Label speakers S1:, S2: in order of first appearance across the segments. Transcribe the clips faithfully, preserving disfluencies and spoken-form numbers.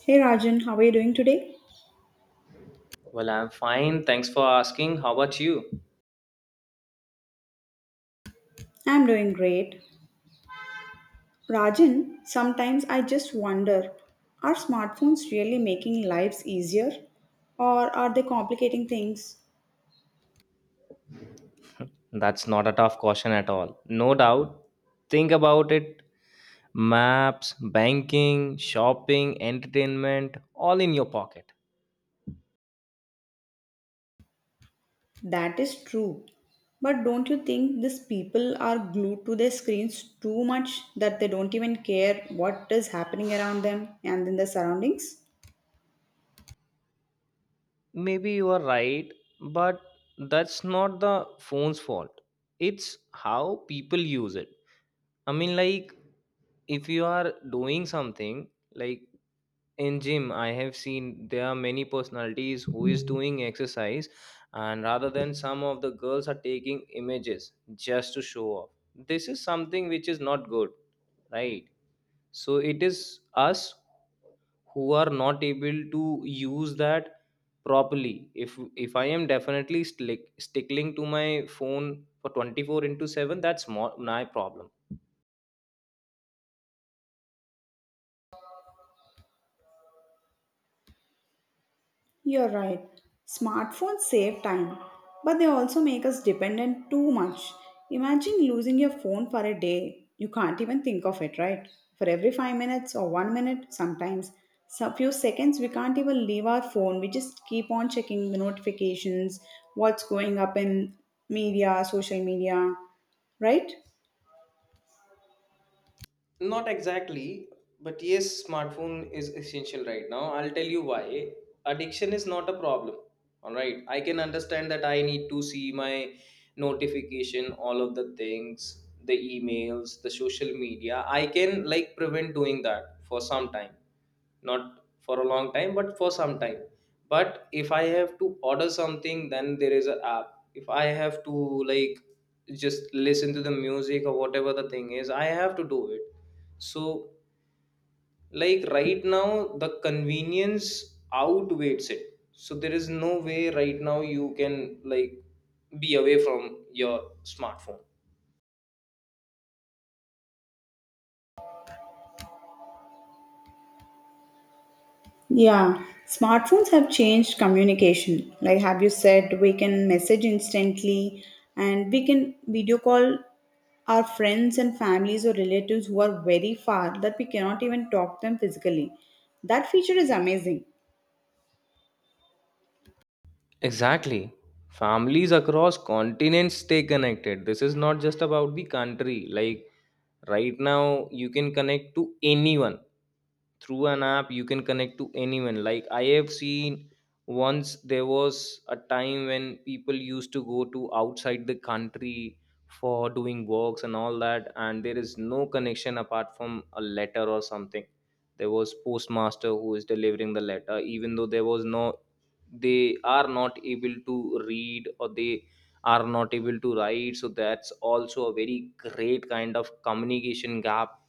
S1: Hey Rajan, how are you doing today?
S2: Well, I'm fine. Thanks for asking. How about you?
S1: I'm doing great. Rajan, sometimes I just wonder, are smartphones really making lives easier or are they complicating things?
S2: That's not a tough question at all. No doubt. Think about it. Maps, banking, shopping, entertainment, all in your pocket.
S1: That is true. But don't you think these people are glued to their screens too much that they don't even care what is happening around them and in their surroundings?
S2: Maybe you are right, but that's not the phone's fault. It's how people use it. I mean, like, if you are doing something, like, in gym I have seen there are many personalities who is doing exercise, and rather than some of the girls are taking images just to show off. This is something which is not good, right? So it is us who are not able to use that properly. If if I am definitely stick, stickling to my phone for twenty-four into seven, that's more my problem.
S1: You're right. Smartphones save time, but they also make us dependent too much. Imagine losing your phone for a day. You can't even think of it, right? For every five minutes or one minute, sometimes a few seconds, we can't even leave our phone. We just keep on checking the notifications, what's going up in media, social media, right?
S2: Not exactly, but yes, smartphone is essential right now. I'll tell you why. Addiction is not a problem. All right, I can understand that I need to see my notification, all of the things, the emails, the social media. I can, like, prevent doing that for some time, not for a long time, but for some time. But if I have to order something, then there is an app. If I have to, like, just listen to the music or whatever the thing is, I have to do it. So, like, right now the convenience outweighs it, so there is no way right now you can, like, be away from your smartphone.
S1: Yeah, smartphones have changed communication. Like, have you said, we can message instantly and we can video call our friends and families or relatives who are very far that we cannot even talk them physically. That feature is amazing.
S2: Exactly. Families across continents stay connected. This is not just about the country. Like, right now, you can connect to anyone through an app. You can connect to anyone. Like, I have seen once there was a time when people used to go to outside the country for doing works and all that, and there is no connection apart from a letter or something. There was postmaster who is delivering the letter, even though there was no, they are not able to read, or they are not able to write. So that's also a very great kind of communication gap.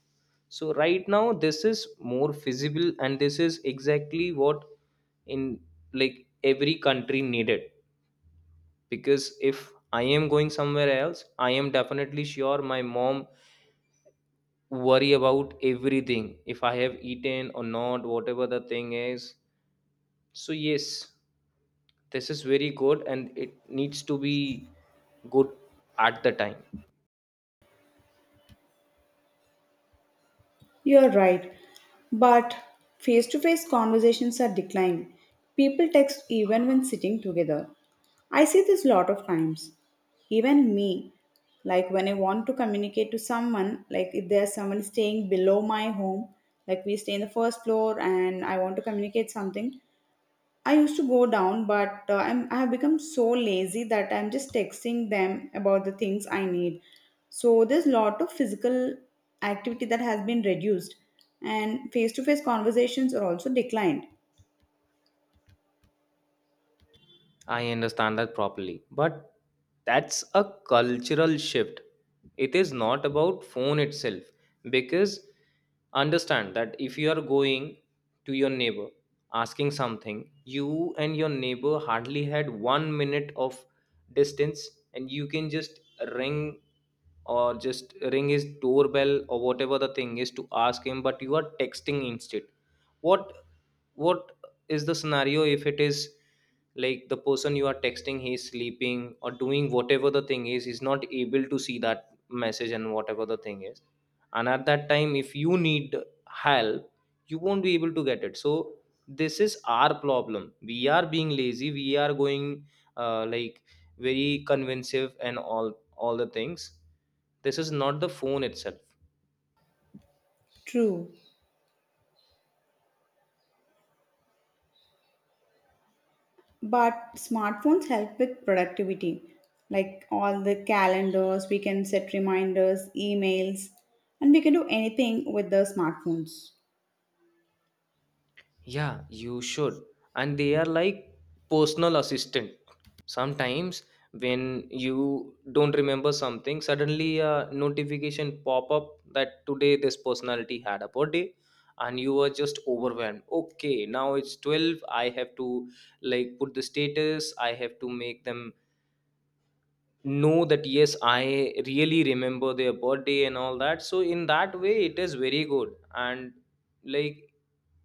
S2: So right now this is more feasible, and this is exactly what, in, like, every country needed. Because if I am going somewhere else, I am definitely sure my mom worry about everything, if I have eaten or not, whatever the thing is. So yes, this is very good, and it needs to be good at the time.
S1: You're right, but face to face conversations are declining. People text even when sitting together. I see this lot of times. Even me, like when I want to communicate to someone, like if there's someone staying below my home, like we stay in the first floor and I want to communicate something, I used to go down, but uh, I'm, I have become so lazy that I'm just texting them about the things I need. So there's lot of physical activity that has been reduced, and face-to-face conversations are also declined.
S2: I understand that properly, but that's a cultural shift. It is not about phone itself, because understand that if you are going to your neighbor asking something, you and your neighbor hardly had one minute of distance, and you can just ring or just ring his doorbell or whatever the thing is to ask him, but you are texting instead. What what is the scenario if it is? Like, the person you are texting, he's sleeping or doing whatever the thing is, he's not able to see that message and whatever the thing is. And at that time if you need help, you won't be able to get it. So this is our problem, we are being lazy, we are going uh, like very convincing and all all the things. This is not the phone itself.
S1: True, but smartphones help with productivity, like all the calendars. We can set reminders, emails, and we can do anything with the smartphones.
S2: Yeah, you should. And they are like personal assistant. Sometimes when you don't remember something, suddenly a notification pop up that today this personality had a birthday, and you were just overwhelmed. Okay, now it's twelve. I have to like put the status. I have to make them know that yes, I really remember their birthday and all that. So in that way it is very good, and like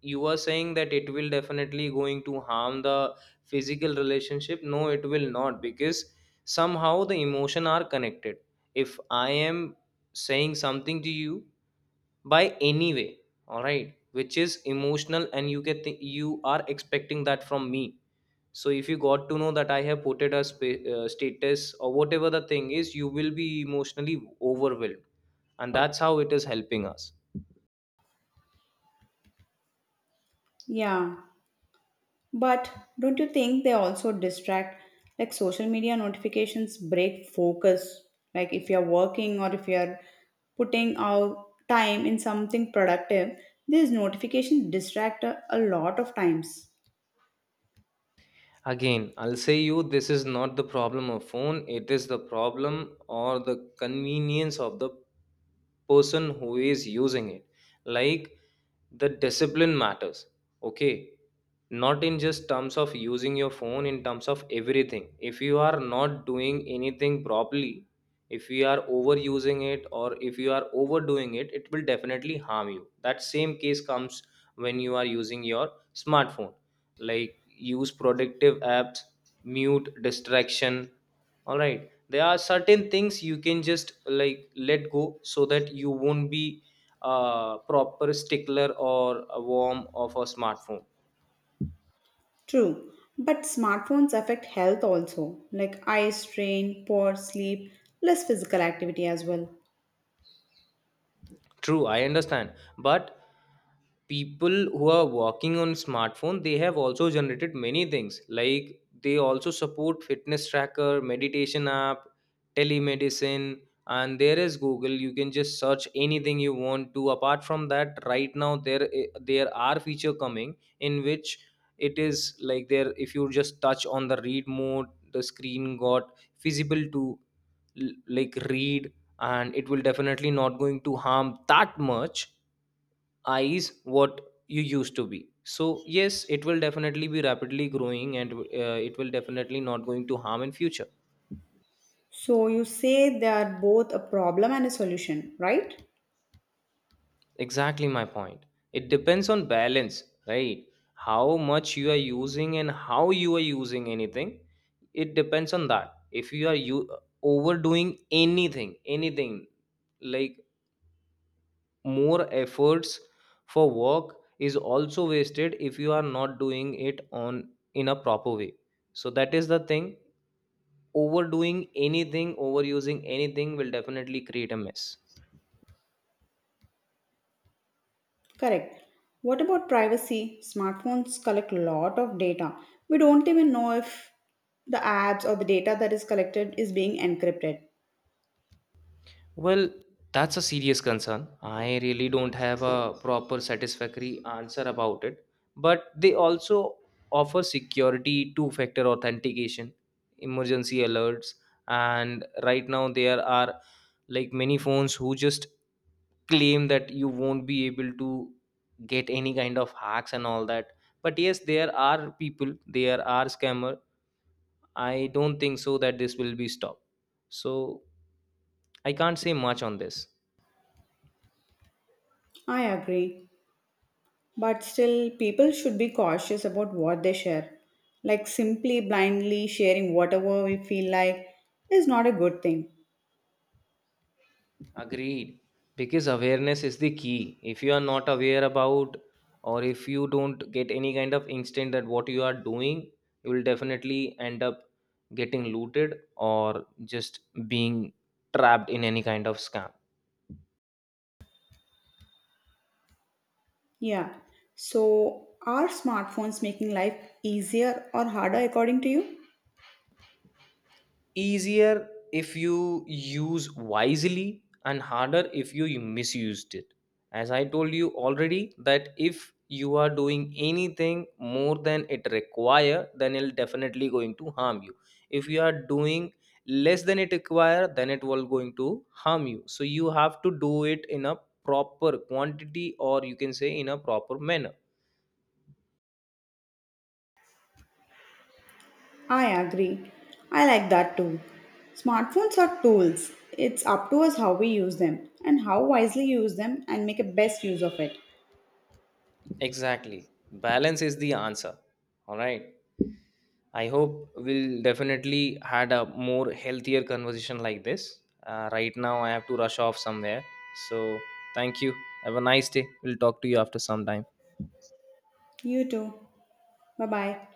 S2: you are saying that it will definitely going to harm the physical relationship, no, it will not, because somehow the emotion are connected. If I am saying something to you by any way, all right, which is emotional, and you get thi- you are expecting that from me. So if you got to know that I have put it a spa- uh, status or whatever the thing is, you will be emotionally overwhelmed, and that's how it is helping us.
S1: Yeah. But don't you think they also distract? Like social media notifications break focus. Like if you're working or if you're putting out time in something productive, these notifications distract a, a lot of times.
S2: Again, I'll say you this is not the problem of phone, it is the problem or the convenience of the person who is using it. Like, the discipline matters, okay, not in just terms of using your phone, in terms of everything. If you are not doing anything properly, if you are overusing it, or if you are overdoing it, it will definitely harm you. That same case comes when you are using your smartphone. Like, use productive apps, mute distraction, all right. There are certain things you can just like let go, so that you won't be a proper stickler or a worm of a smartphone.
S1: True, but smartphones affect health also, like eye strain, poor sleep, less physical activity as well.
S2: True, I understand. But people who are working on smartphone, they have also generated many things. Like, they also support fitness tracker, meditation app, telemedicine, and there is Google. You can just search anything you want to. Apart from that, right now there i- there are feature coming in which it is like there if you just touch on the read mode, the screen got visible to l- like read, and it will definitely not going to harm that much eyes what you used to be. So yes, it will definitely be rapidly growing, and uh, it will definitely not going to harm in future.
S1: So you say they are both a problem and a solution, right?
S2: Exactly my point. It depends on balance, right? How much you are using and how you are using anything, it depends on that. If you are you overdoing anything anything, like more efforts for work is also wasted if you are not doing it on, in a proper way. So that is the thing. Overdoing anything, overusing anything, will definitely create a mess.
S1: Correct. What about privacy? Smartphones collect a lot of data. We don't even know if the apps or the data that is collected is being encrypted.
S2: Well, that's a serious concern. I really don't have a proper satisfactory answer about it. But they also offer security, two factor authentication, emergency alerts, and right now there are like many phones who just claim that you won't be able to get any kind of hacks and all that. But yes, there are people, there are scammer. I don't think so that this will be stopped. So I can't say much on this.
S1: I agree. But still, people should be cautious about what they share. Like simply blindly sharing whatever we feel like is not a good thing.
S2: Agreed. Because awareness is the key. If you are not aware about, or if you don't get any kind of instinct that what you are doing, you will definitely end up getting looted, or just being trapped in any kind of scam.
S1: Yeah. So, are smartphones making life easier or harder according to you?
S2: Easier if you use wisely, and harder if you misused it. As I told you already, that if you are doing anything more than it require, then it'll definitely going to harm you. If you are doing less than it require, then it will going to harm you. So you have to do it in a proper quantity, or you can say in a proper manner.
S1: I agree. I like that too. Smartphones are tools. It's up to us how we use them and how wisely use them and make a best use of it.
S2: Exactly, balance is the answer. All right. I hope we'll definitely had a more healthier conversation like this. Uh, right now, I have to rush off somewhere. So, thank you. Have a nice day. We'll talk to you after some time.
S1: You too. Bye bye.